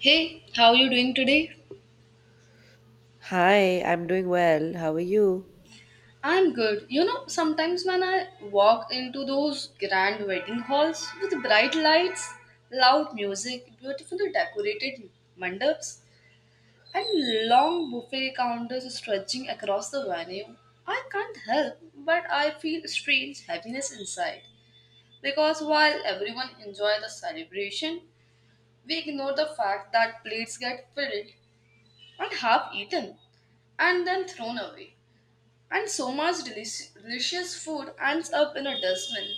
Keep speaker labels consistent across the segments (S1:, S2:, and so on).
S1: Hey, how you doing today?
S2: Hi, I'm doing well. How are you?
S1: I'm good. You know, sometimes when I walk into those grand wedding halls with bright lights, loud music, beautifully decorated mandaps, and long buffet counters stretching across the venue, I can't help but I feel strange happiness inside. Because while everyone enjoys the celebration, we ignore the fact that plates get filled and half eaten and then thrown away. And so much delicious food ends up in a dustbin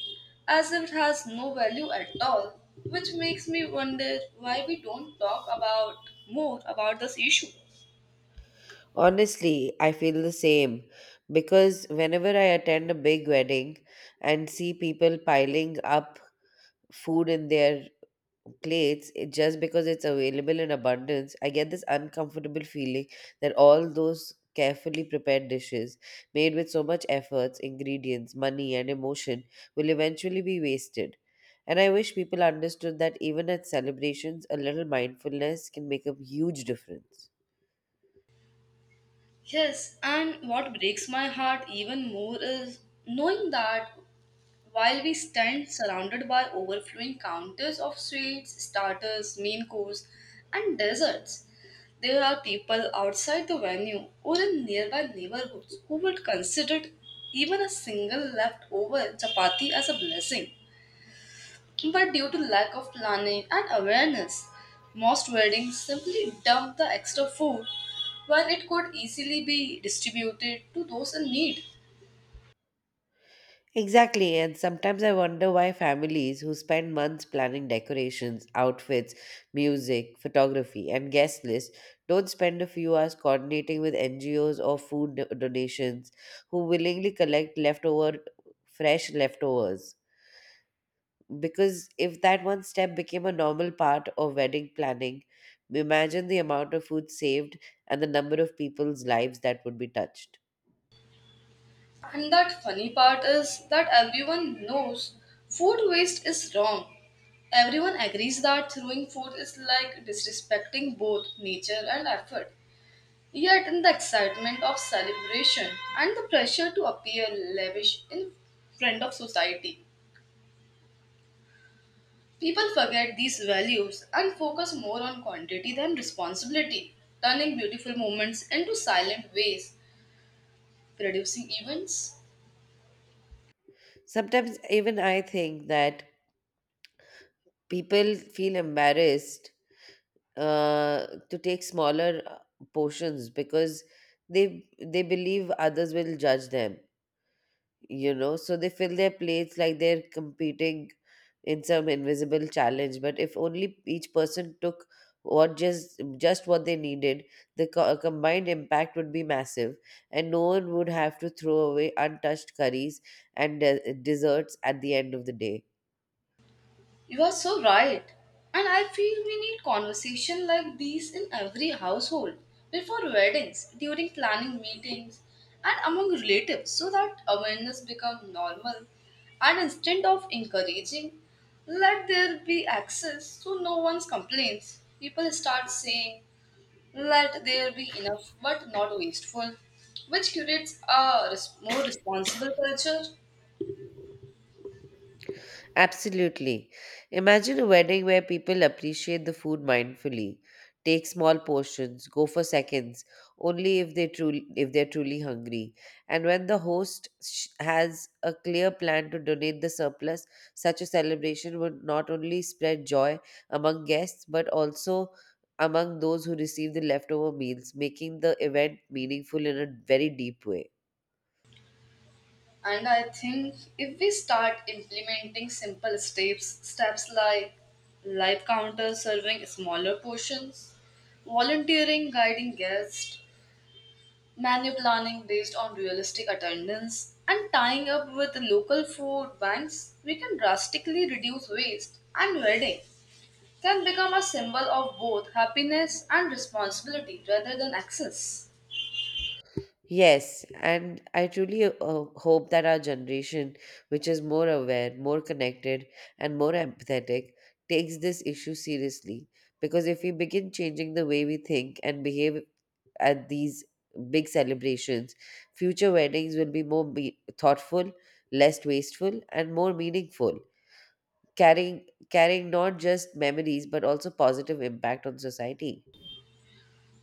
S1: as if it has no value at all, which makes me wonder why we don't talk about more about this issue.
S2: Honestly, I feel the same because whenever I attend a big wedding and see people piling up food in their plates, it, just because it's available in abundance, I get this uncomfortable feeling that all those carefully prepared dishes made with so much efforts, ingredients, money and emotion will eventually be wasted. And I wish people understood that even at celebrations a little mindfulness can make a huge difference.
S1: Yes, and what breaks my heart even more is knowing that while we stand surrounded by overflowing counters of sweets, starters, main course, and desserts, there are people outside the venue or in nearby neighborhoods who would consider even a single leftover chapati as a blessing. But due to lack of planning and awareness, most weddings simply dump the extra food when it could easily be distributed to those in need.
S2: Exactly, and sometimes I wonder why families who spend months planning decorations, outfits, music, photography, and guest lists don't spend a few hours coordinating with NGOs or donations who willingly collect leftover, fresh leftovers. Because if that one step became a normal part of wedding planning, imagine the amount of food saved and the number of people's lives that would be touched.
S1: And that funny part is that everyone knows food waste is wrong. Everyone agrees that throwing food is like disrespecting both nature and effort. Yet, in the excitement of celebration and the pressure to appear lavish in front of society, people forget these values and focus more on quantity than responsibility, turning beautiful moments into silent ways, producing events.
S2: Sometimes even I think that people feel embarrassed to take smaller portions because they they believe others will judge them, so they fill their plates like they're competing in some invisible challenge. But if only each person took what just what they needed, the combined impact would be massive, and no one would have to throw away untouched curries and desserts at the end of the day.
S1: You are so right. And I feel we need conversation like these in every household, before weddings, during planning meetings, and among relatives so that awareness becomes normal. And instead of encouraging, let there be access so no one's complaints. People start saying, let there be enough but not wasteful, which creates a more responsible culture.
S2: Absolutely. Imagine a wedding where people appreciate the food mindfully, take small portions, go for seconds only if they're truly hungry, and when the host has a clear plan to donate the surplus, such a celebration would not only spread joy among guests but also among those who receive the leftover meals, making the event meaningful in a very deep way.
S1: And I think if we start implementing simple steps, steps like light counters serving smaller portions, volunteering guiding guests, menu planning based on realistic attendance, and tying up with local food banks, we can drastically reduce waste. And wedding can become a symbol of both happiness and responsibility rather than excess.
S2: Yes, and I truly hope that our generation, which is more aware, more connected, and more empathetic, takes this issue seriously. Because if we begin changing the way we think and behave at these big celebrations, future weddings will be more thoughtful, less wasteful, and more meaningful, carrying not just memories but also positive impact on society.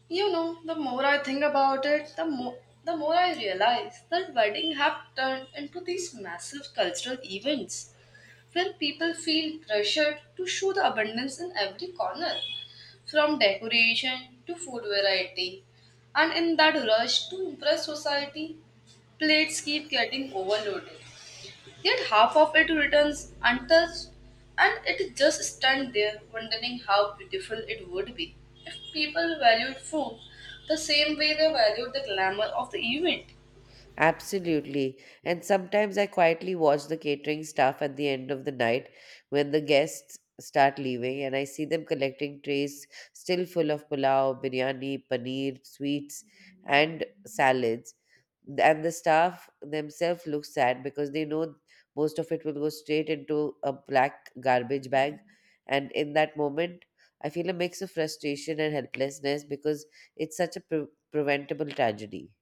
S1: You know, the more I think about it, the more I realize that weddings have turned into these massive cultural events where people feel pressured to show the abundance in every corner, from decoration to food variety. And in that rush to impress society, plates keep getting overloaded. Yet half of it returns untouched, and it just stands there wondering how beautiful it would be if people valued food the same way they valued the glamour of the event.
S2: Absolutely. And sometimes I quietly watch the catering staff at the end of the night when the guests start leaving, and I see them collecting trays still full of pulao, biryani, paneer, sweets, and salads. And the staff themselves look sad because they know most of it will go straight into a black garbage bag. And in that moment, I feel a mix of frustration and helplessness because it's such a preventable tragedy.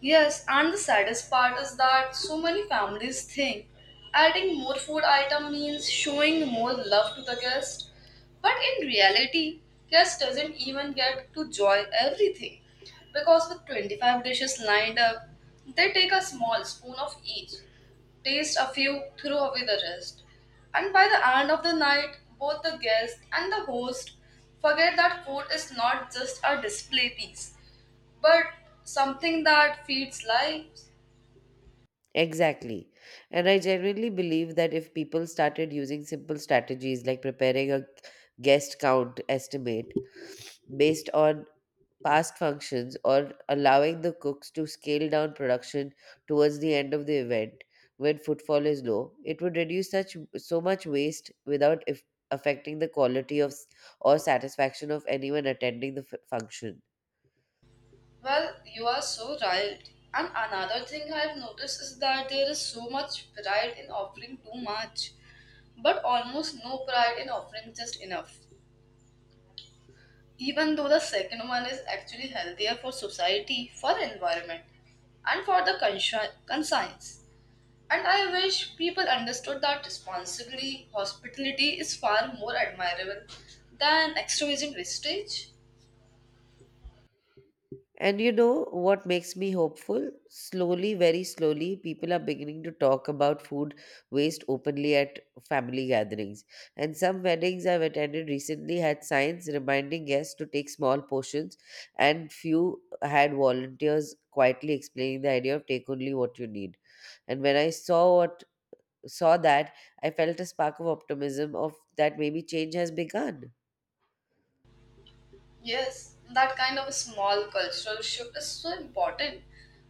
S1: Yes, and the saddest part is that so many families think adding more food item means showing more love to the guest. But in reality, guest doesn't even get to enjoy everything because with 25 dishes lined up, they take a small spoon of each, taste a few, throw away the rest. And by the end of the night, both the guest and the host forget that food is not just a display piece, but something that feeds lives.
S2: Exactly. And I genuinely believe that if people started using simple strategies like preparing a guest count estimate based on past functions, or allowing the cooks to scale down production towards the end of the event when footfall is low, it would reduce such so much waste without if affecting the quality or satisfaction of anyone attending the function.
S1: Well, you are so right. And another thing I've noticed is that there is so much pride in offering too much, but almost no pride in offering just enough. Even though the second one is actually healthier for society, for the environment, and for the conscience. And I wish people understood that responsibly hospitality is far more admirable than extravagant wastage.
S2: And you know what makes me hopeful? Slowly, very slowly, people are beginning to talk about food waste openly at family gatherings. And some weddings I've attended recently had signs reminding guests to take small portions, and few had volunteers quietly explaining the idea of take only what you need. And when I saw that, I felt a spark of optimism, of that maybe change has begun.
S1: Yes, that kind of a small cultural shift is so important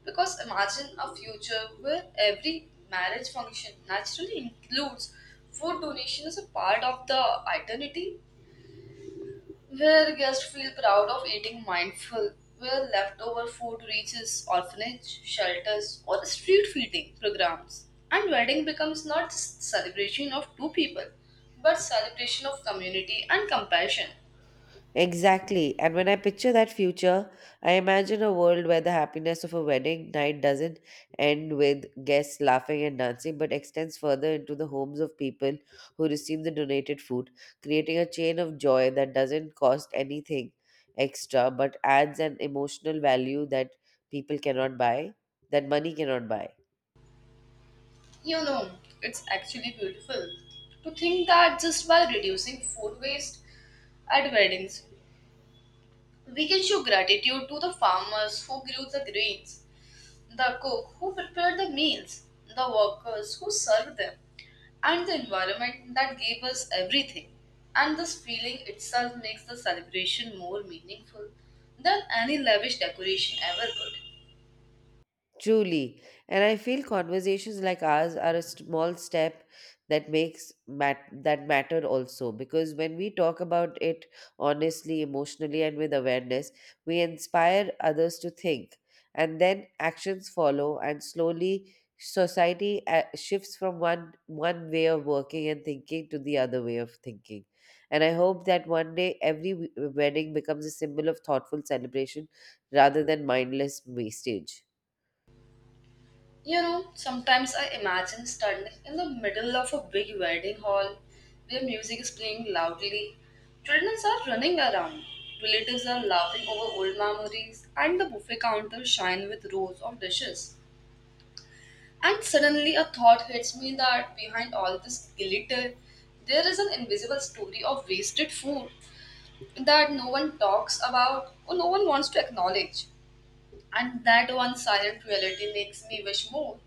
S1: because imagine a future where every marriage function naturally includes food donation as a part of the identity, where guests feel proud of eating mindful, where leftover food reaches orphanage, shelters, or street feeding programs. And wedding becomes not just celebration of two people, but celebration of community and compassion.
S2: Exactly. And when I picture that future, I imagine a world where the happiness of a wedding night doesn't end with guests laughing and dancing, but extends further into the homes of people who receive the donated food, creating a chain of joy that doesn't cost anything extra but adds an emotional value that people cannot buy, that money cannot buy.
S1: You know, it's actually beautiful to think that just by reducing food waste at weddings, we can show gratitude to the farmers who grew the grains, the cook who prepared the meals, the workers who served them, and the environment that gave us everything. And this feeling itself makes the celebration more meaningful than any lavish decoration ever could.
S2: Truly. And I feel conversations like ours are a small step that that matter also, because when we talk about it honestly, emotionally and with awareness, we inspire others to think, and then actions follow, and slowly society shifts from one way of working and thinking to the other way of thinking. And I hope that one day every wedding becomes a symbol of thoughtful celebration rather than mindless wastage.
S1: You know, sometimes I imagine standing in the middle of a big wedding hall where music is playing loudly, children are running around, relatives are laughing over old memories, and the buffet counters shine with rows of dishes. And suddenly a thought hits me that behind all this glitter, there is an invisible story of wasted food that no one talks about or no one wants to acknowledge. And that one silent reality makes me wish more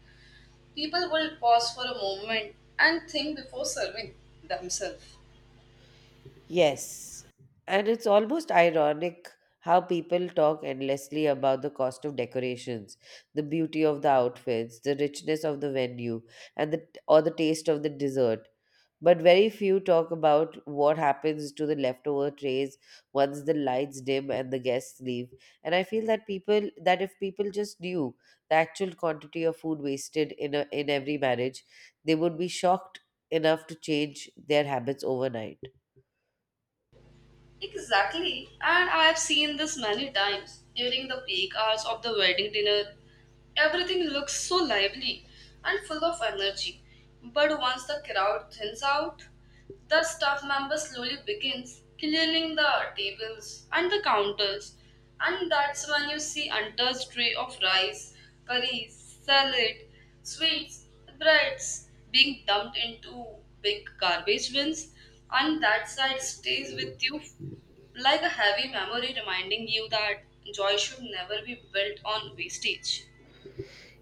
S1: people will pause for a moment and think before serving themselves.
S2: Yes, and it's almost ironic how people talk endlessly about the cost of decorations, the beauty of the outfits, the richness of the venue, and the taste of the dessert. But very few talk about what happens to the leftover trays once the lights dim and the guests leave. And I feel that people that if people just knew the actual quantity of food wasted in a, in every marriage, they would be shocked enough to change their habits overnight.
S1: Exactly, and I have seen this many times during the peak hours of the wedding dinner. Everything looks so lively and full of energy, but once the crowd thins out, the staff member slowly begins clearing the tables and the counters, and that's when you see untouched tray of rice, curries, salad, sweets, breads being dumped into big garbage bins, and that sight stays with you like a heavy memory reminding you that joy should never be built on wastage.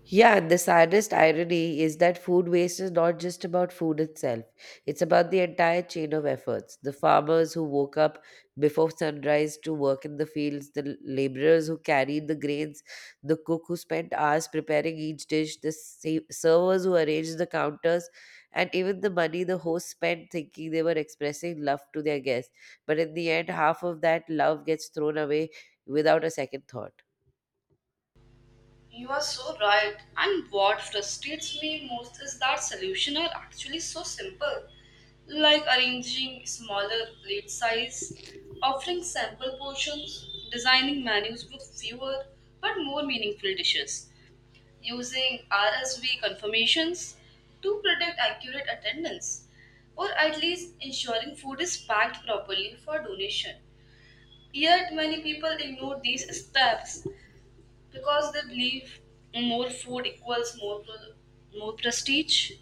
S2: Yeah, the saddest irony is that food waste is not just about food itself. It's about the entire chain of efforts. The farmers who woke up before sunrise to work in the fields, the laborers who carried the grains, the cook who spent hours preparing each dish, the servers who arranged the counters, and even the money the hosts spent thinking they were expressing love to their guests. But in the end, half of that love gets thrown away without a second thought.
S1: You are so right. And what frustrates me most is that solutions are actually so simple, like arranging smaller plate size, offering sample portions, designing menus with fewer but more meaningful dishes, using RSV confirmations to predict accurate attendance, or at least ensuring food is packed properly for donation. Yet many people ignore these steps because they believe more food equals more prestige.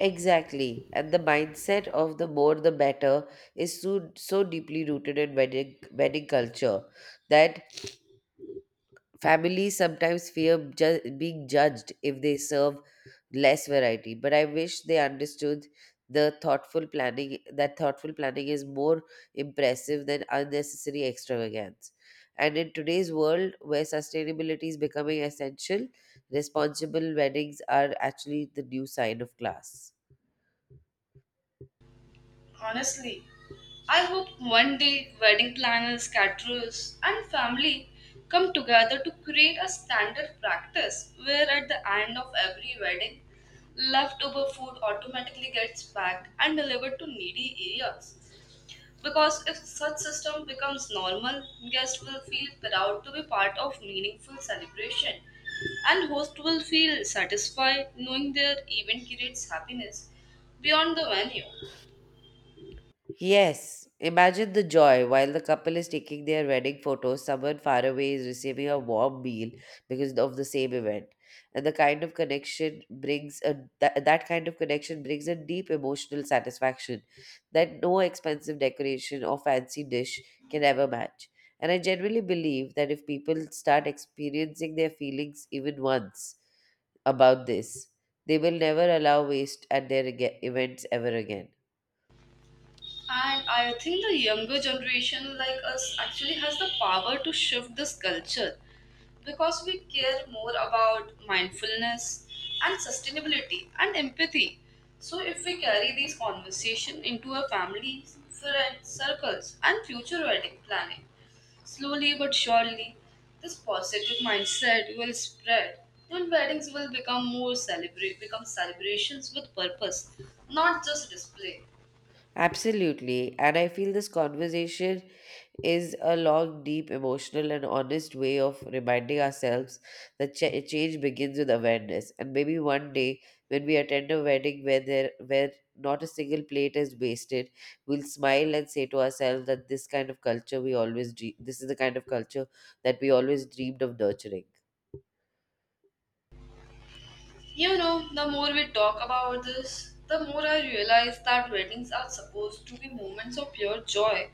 S2: Exactly. And the mindset of the more the better is so, so deeply rooted in wedding culture that families sometimes fear being judged if they serve less variety. But I wish they understood the thoughtful planning that thoughtful planning is more impressive than unnecessary extravagance. And in today's world where sustainability is becoming essential, responsible weddings are actually the new sign of class.
S1: Honestly, I hope one day wedding planners, caterers, and family come together to create a standard practice where at the end of every wedding, leftover food automatically gets packed and delivered to needy areas. Because if such system becomes normal, guests will feel proud to be part of meaningful celebration and host will feel satisfied knowing their event creates happiness beyond the venue.
S2: Yes, imagine the joy: while the couple is taking their wedding photos, someone far away is receiving a warm meal because of the same event, and the kind of connection brings a that, that kind of connection brings a deep emotional satisfaction that no expensive decoration or fancy dish can ever match. And I generally believe that if people start experiencing their feelings even once about this, they will never allow waste at their events ever again.
S1: And I think the younger generation like us actually has the power to shift this culture because we care more about mindfulness and sustainability and empathy. So if we carry these conversation into our families, friends, circles and future wedding planning, slowly but surely this positive mindset will spread and weddings will become more celebrate become celebrations with purpose, not just display.
S2: Absolutely. And I feel this conversation is a long, deep, emotional, and honest way of reminding ourselves that change begins with awareness. And maybe one day, when we attend a wedding where not a single plate is wasted, we'll smile and say to ourselves that this is the kind of culture that we always dreamed of nurturing.
S1: You know, the more we talk about this, the more I realize that weddings are supposed to be moments of pure joy,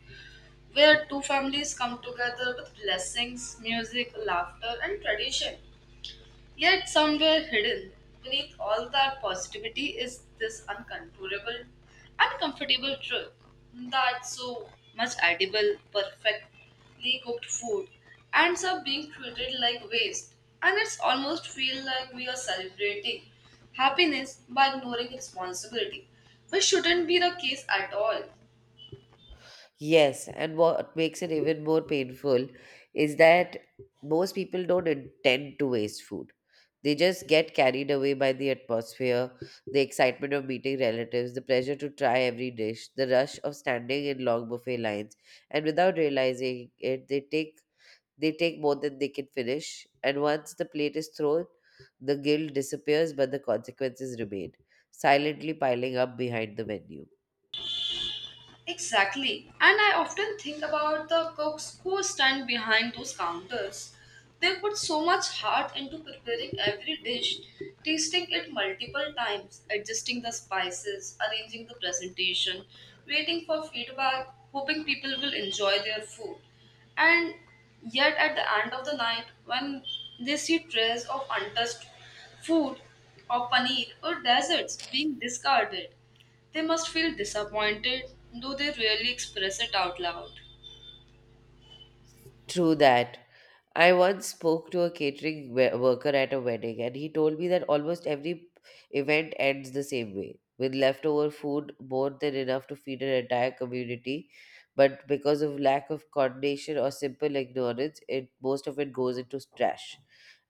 S1: where two families come together with blessings, music, laughter, and tradition. Yet, somewhere hidden beneath all that positivity is this uncontrollable, uncomfortable truth that so much edible, perfectly cooked food ends up being treated like waste, and it's almost feel like we are celebrating happiness by ignoring responsibility, which shouldn't be the case at all.
S2: Yes, and what makes it even more painful is that most people don't intend to waste food. They just get carried away by the atmosphere, the excitement of meeting relatives, the pleasure to try every dish, the rush of standing in long buffet lines, and without realizing it, they take more than they can finish. And once the plate is thrown, the guilt disappears, but the consequences remain, silently piling up behind the menu.
S1: Exactly. And I often think about the cooks who stand behind those counters. They put so much heart into preparing every dish, tasting it multiple times, adjusting the spices, arranging the presentation, waiting for feedback, hoping people will enjoy their food. And yet, at the end of the night, when they see trays of untouched food or paneer or desserts being discarded, they must feel disappointed, though they rarely express it out loud.
S2: True that. I once spoke to a catering worker at a wedding, and he told me that almost every event ends the same way, with leftover food more than enough to feed an entire community. But because of lack of coordination or simple ignorance, it most of it goes into trash.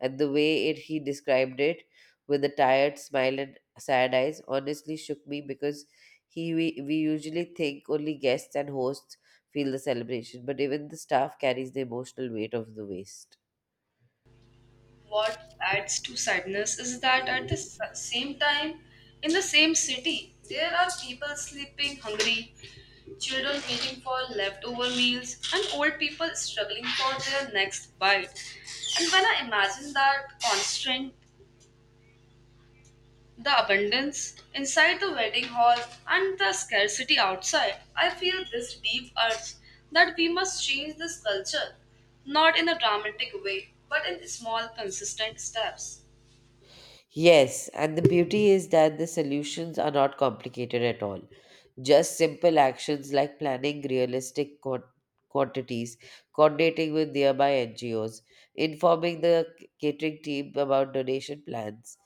S2: And the way it he described it, with a tired smile and sad eyes, honestly shook me, because we usually think only guests and hosts feel the celebration, but even the staff carries the emotional weight of the waste.
S1: What adds to sadness is that at the same time, in the same city, there are people sleeping hungry, children waiting for leftover meals, and old people struggling for their next bite. And when I imagine that constant The abundance inside the wedding hall and the scarcity outside. I feel this deep urge that we must change this culture, not in a dramatic way, but in small, consistent steps.
S2: Yes, and the beauty is that the solutions are not complicated at all. Just simple actions like planning realistic quantities, coordinating with nearby NGOs, informing the catering team about donation plans,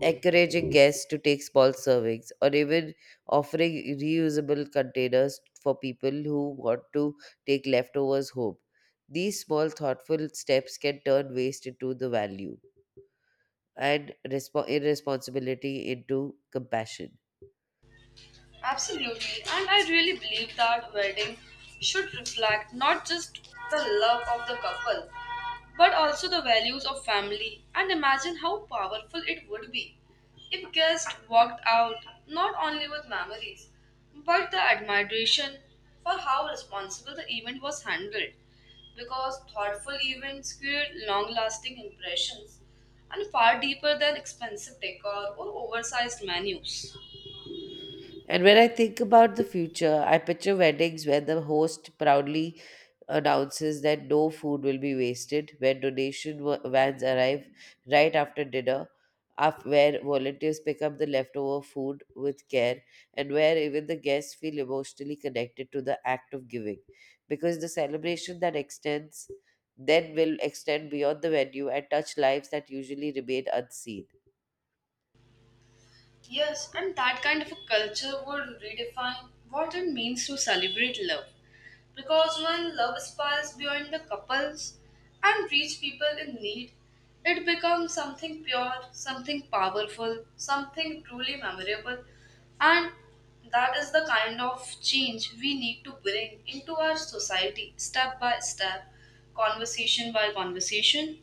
S2: encouraging guests to take small servings, or even offering reusable containers for people who want to take leftovers home. These small, thoughtful steps can turn waste into the value and irresponsibility into compassion.
S1: Absolutely, and I really believe that wedding should reflect not just the love of the couple, but also the values of family. And imagine how powerful it would be if guests walked out not only with memories, but the admiration for how responsible the event was handled. Because thoughtful events create long-lasting impressions and far deeper than expensive decor or oversized menus.
S2: And when I think about the future, I picture weddings where the host proudly announces that no food will be wasted, when donation vans arrive right after dinner, where volunteers pick up the leftover food with care, and where even the guests feel emotionally connected to the act of giving. Because the celebration that extends then will extend beyond the venue and touch lives that usually remain unseen.
S1: Yes, and that kind of a culture would redefine what it means to celebrate love. Because when love spirals beyond the couples and reach people in need, it becomes something pure, something powerful, something truly memorable. And that is the kind of change we need to bring into our society step by step, conversation by conversation.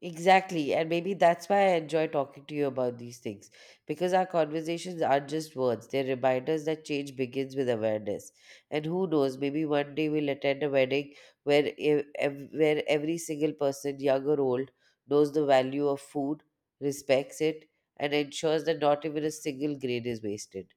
S2: Exactly. And maybe that's why I enjoy talking to you about these things, because our conversations aren't just words, they're reminders that change begins with awareness. And who knows, maybe one day we'll attend a wedding where where every single person, young or old, knows the value of food, respects it, and ensures that not even a single grain is wasted.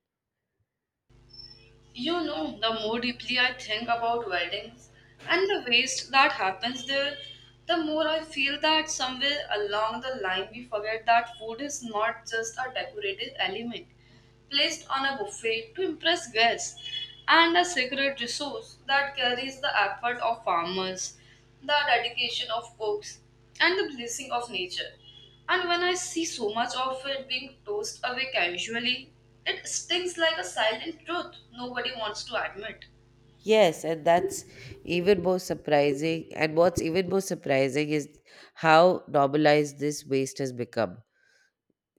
S1: You know, the more deeply I think about weddings and the waste that happens there, the more I feel that somewhere along the line we forget that food is not just a decorative element placed on a buffet to impress guests and a sacred resource that carries the effort of farmers, the dedication of cooks, and the blessing of nature. And when I see so much of it being tossed away casually, it stings like a silent truth nobody wants to admit.
S2: Yes, and that's even more surprising. And what's even more surprising is how normalized this waste has become,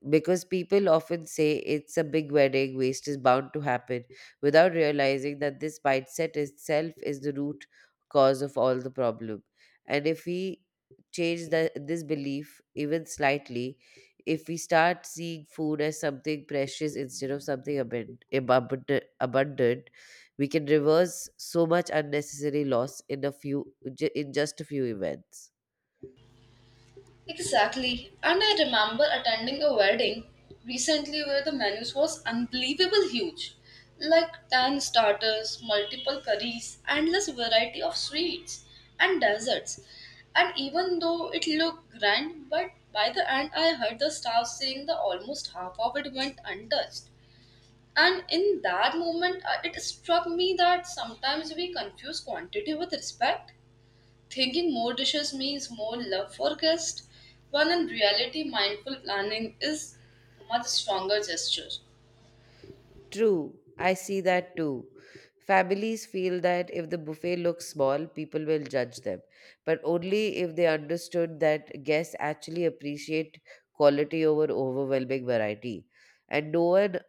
S2: because people often say it's a big wedding, waste is bound to happen, without realizing that this mindset itself is the root cause of all the problem. And if we change this belief even slightly, if we start seeing food as something precious instead of something abundant, we can reverse so much unnecessary loss in in just a few events.
S1: Exactly. And I remember attending a wedding recently where the menu was unbelievable huge. Like 10 starters, multiple curries, endless variety of sweets and desserts. And even though it looked grand, but by the end I heard the staff saying that almost half of it went untouched. And in that moment, it struck me that sometimes we confuse quantity with respect, thinking more dishes means more love for guests, when in reality, mindful planning is much stronger gesture.
S2: True, I see that too. Families feel that if the buffet looks small, people will judge them, but only if they understood that guests actually appreciate quality over overwhelming variety. And no one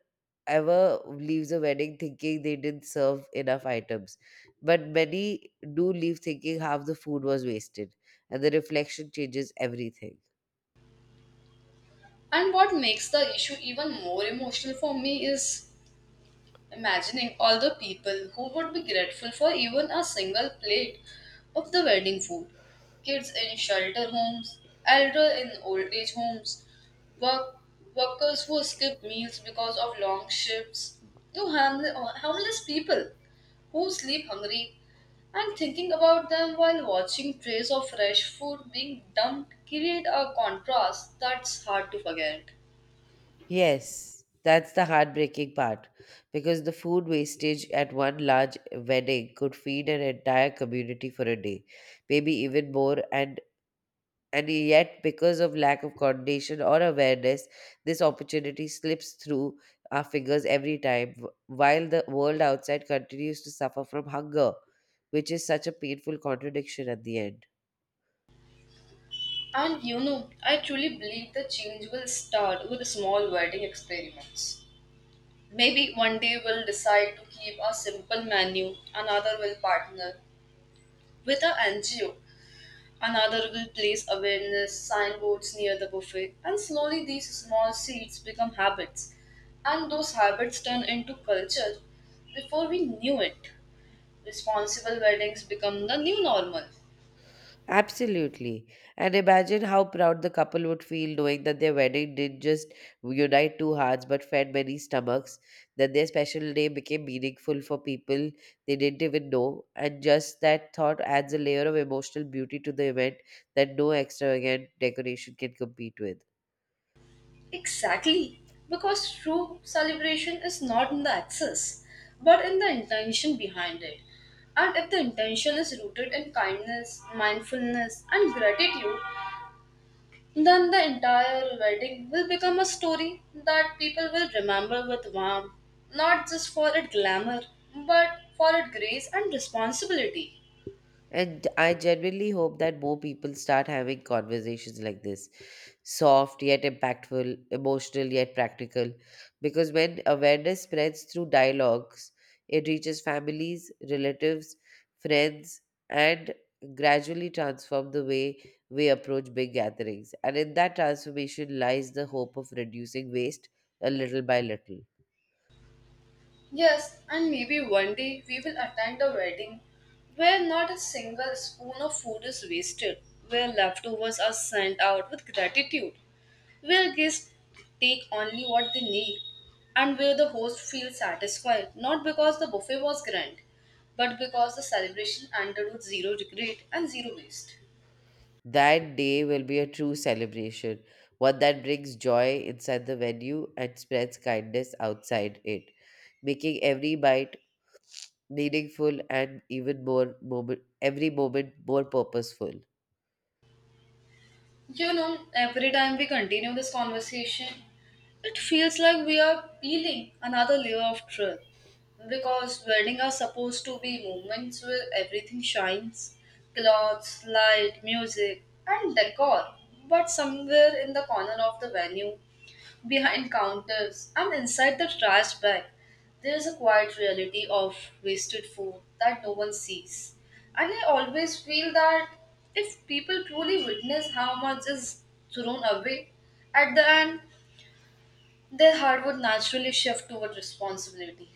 S2: ever leaves a wedding thinking they didn't serve enough items. But many do leave thinking half the food was wasted, and the reflection changes everything.
S1: And what makes the issue even more emotional for me is imagining all the people who would be grateful for even a single plate of the wedding food. Kids in shelter homes, elder in old age homes, work, workers who skip meals because of long shifts, to homeless people who sleep hungry and thinking about them while watching trays of fresh food being dumped create a contrast that's hard to forget.
S2: Yes, that's the heartbreaking part because the food wastage at one large wedding could feed an entire community for a day, maybe even more, and yet because of lack of coordination or awareness, this opportunity slips through our fingers every time while the world outside continues to suffer from hunger, which is such a painful contradiction at the end.
S1: And you know, I truly believe the change will start with small wedding experiments. Maybe one day we'll decide to keep a simple menu, another will partner with a NGO, another will place awareness signboards near the buffet, and slowly these small seeds become habits. And those habits turn into culture before we knew it. Responsible weddings become the new normal.
S2: Absolutely. And imagine how proud the couple would feel knowing that their wedding didn't just unite two hearts but fed many stomachs, that their special day became meaningful for people they didn't even know. And just that thought adds a layer of emotional beauty to the event that no extravagant decoration can compete with.
S1: Exactly, because true celebration is not in the access, but in the intention behind it. And if the intention is rooted in kindness, mindfulness, and gratitude, then the entire wedding will become a story that people will remember with warmth, not just for its glamour, but for its grace and responsibility.
S2: And I genuinely hope that more people start having conversations like this, soft yet impactful, emotional yet practical. Because when awareness spreads through dialogues, it reaches families, relatives, friends, and gradually transform the way we approach big gatherings. And in that transformation lies the hope of reducing waste a little by little.
S1: Yes, and maybe one day we will attend a wedding where not a single spoon of food is wasted, where leftovers are sent out with gratitude, where guests take only what they need, and where the host feels satisfied not because the buffet was grand, but because the celebration ended with zero regret and zero waste.
S2: That day will be a true celebration, one that brings joy inside the venue and spreads kindness outside it, making every bite meaningful and every moment more purposeful.
S1: You know, every time we continue this conversation, it feels like we are peeling another layer of truth. Because weddings are supposed to be moments where everything shines clothes, light, music, and decor. But somewhere in the corner of the venue, behind counters and inside the trash bag, there is a quiet reality of wasted food that no one sees. And I always feel that if people truly witness how much is thrown away, at the end, their heart would naturally shift toward responsibility.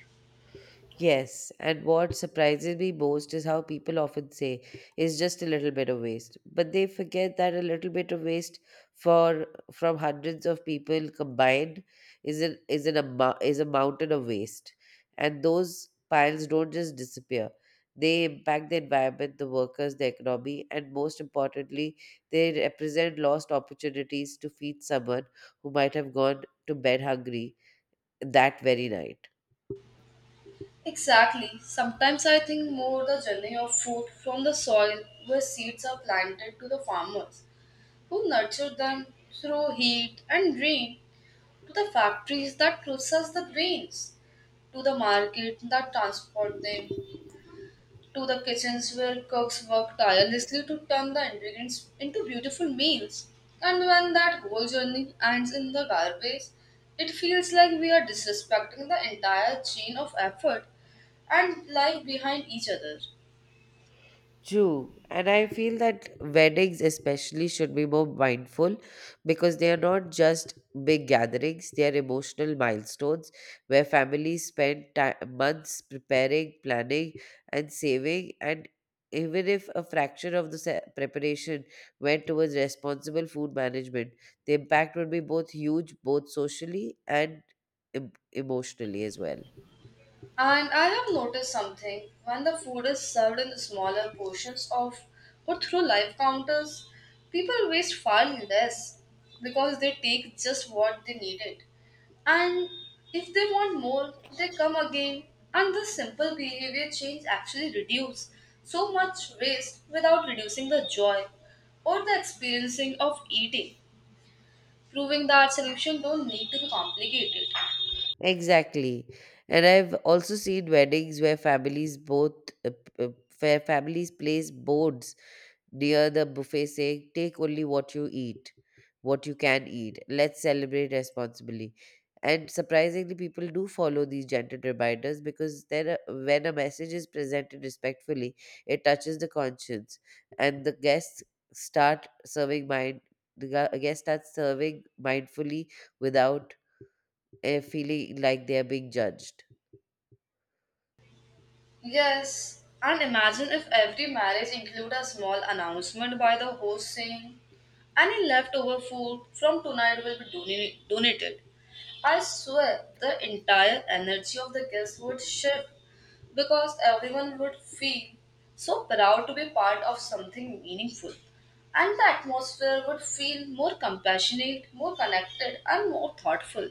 S2: Yes, and what surprises me most is how people often say it's just a little bit of waste, but they forget that a little bit of waste for from hundreds of people combined is a mountain of waste, and those piles don't just disappear. They impact the environment, the workers, the economy, and most importantly, they represent lost opportunities to feed someone who might have gone to bed hungry that very night.
S1: Exactly. Sometimes I think more the journey of food from the soil where seeds are planted to the farmers who nurture them through heat and rain to the factories that process the grains, to the market that transport them, to the kitchens where cooks work tirelessly to turn the ingredients into beautiful meals. And when that whole journey ends in the garbage, it feels like we are disrespecting the entire chain of effort and life behind each other.
S2: True. And I feel that weddings, especially, should be more mindful because they are not just big gatherings, they are emotional milestones where families spend ti months preparing, planning, and saving. And even if a fraction of preparation went towards responsible food management, the impact would be both huge, both socially and emotionally as well.
S1: And I have noticed something when the food is served in smaller portions of or through live counters, people waste far less because they take just what they needed. And if they want more, they come again. And this simple behavior change actually reduce so much waste without reducing the joy or the experiencing of eating, proving that solution don't need to be complicated.
S2: Exactly. And I've also seen weddings where uh, p- uh, where families place boards near the buffet saying take only what you eat, what you can eat. Let's celebrate responsibly. And surprisingly people do follow these gentle reminders because then when a message is presented respectfully, it touches the conscience and start serving mind the guests start serving mindfully without feeling like they are being judged.
S1: Yes, and imagine if every marriage include a small announcement by the host saying, any leftover food from tonight will be donated. I swear the entire energy of the guests would shift because everyone would feel so proud to be part of something meaningful. And the atmosphere would feel more compassionate, more connected, and more thoughtful.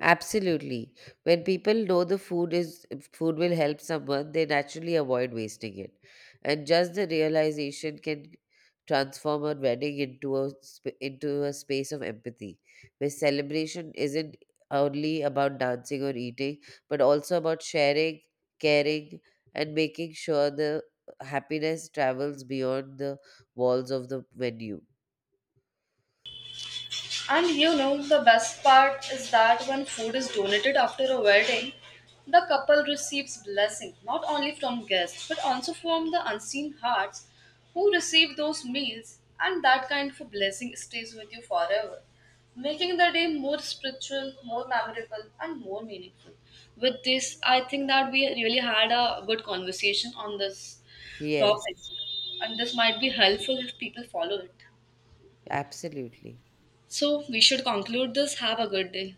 S2: Absolutely. When people know the food will help someone, they naturally avoid wasting it. And just the realization can transform a wedding into into a space of empathy, where celebration isn't only about dancing or eating, but also about sharing, caring, and making sure the happiness travels beyond the walls of the venue.
S1: And you know, the best part is that when food is donated after a wedding, the couple receives blessing not only from guests but also from the unseen hearts who receive those meals, and that kind of a blessing stays with you forever, making the day more spiritual, more memorable, and more meaningful. With this, I think that we really had a good conversation on this topic,
S2: Yes,
S1: and this might be helpful if people follow it.
S2: absolutely.
S1: So we should conclude this. Have a good day.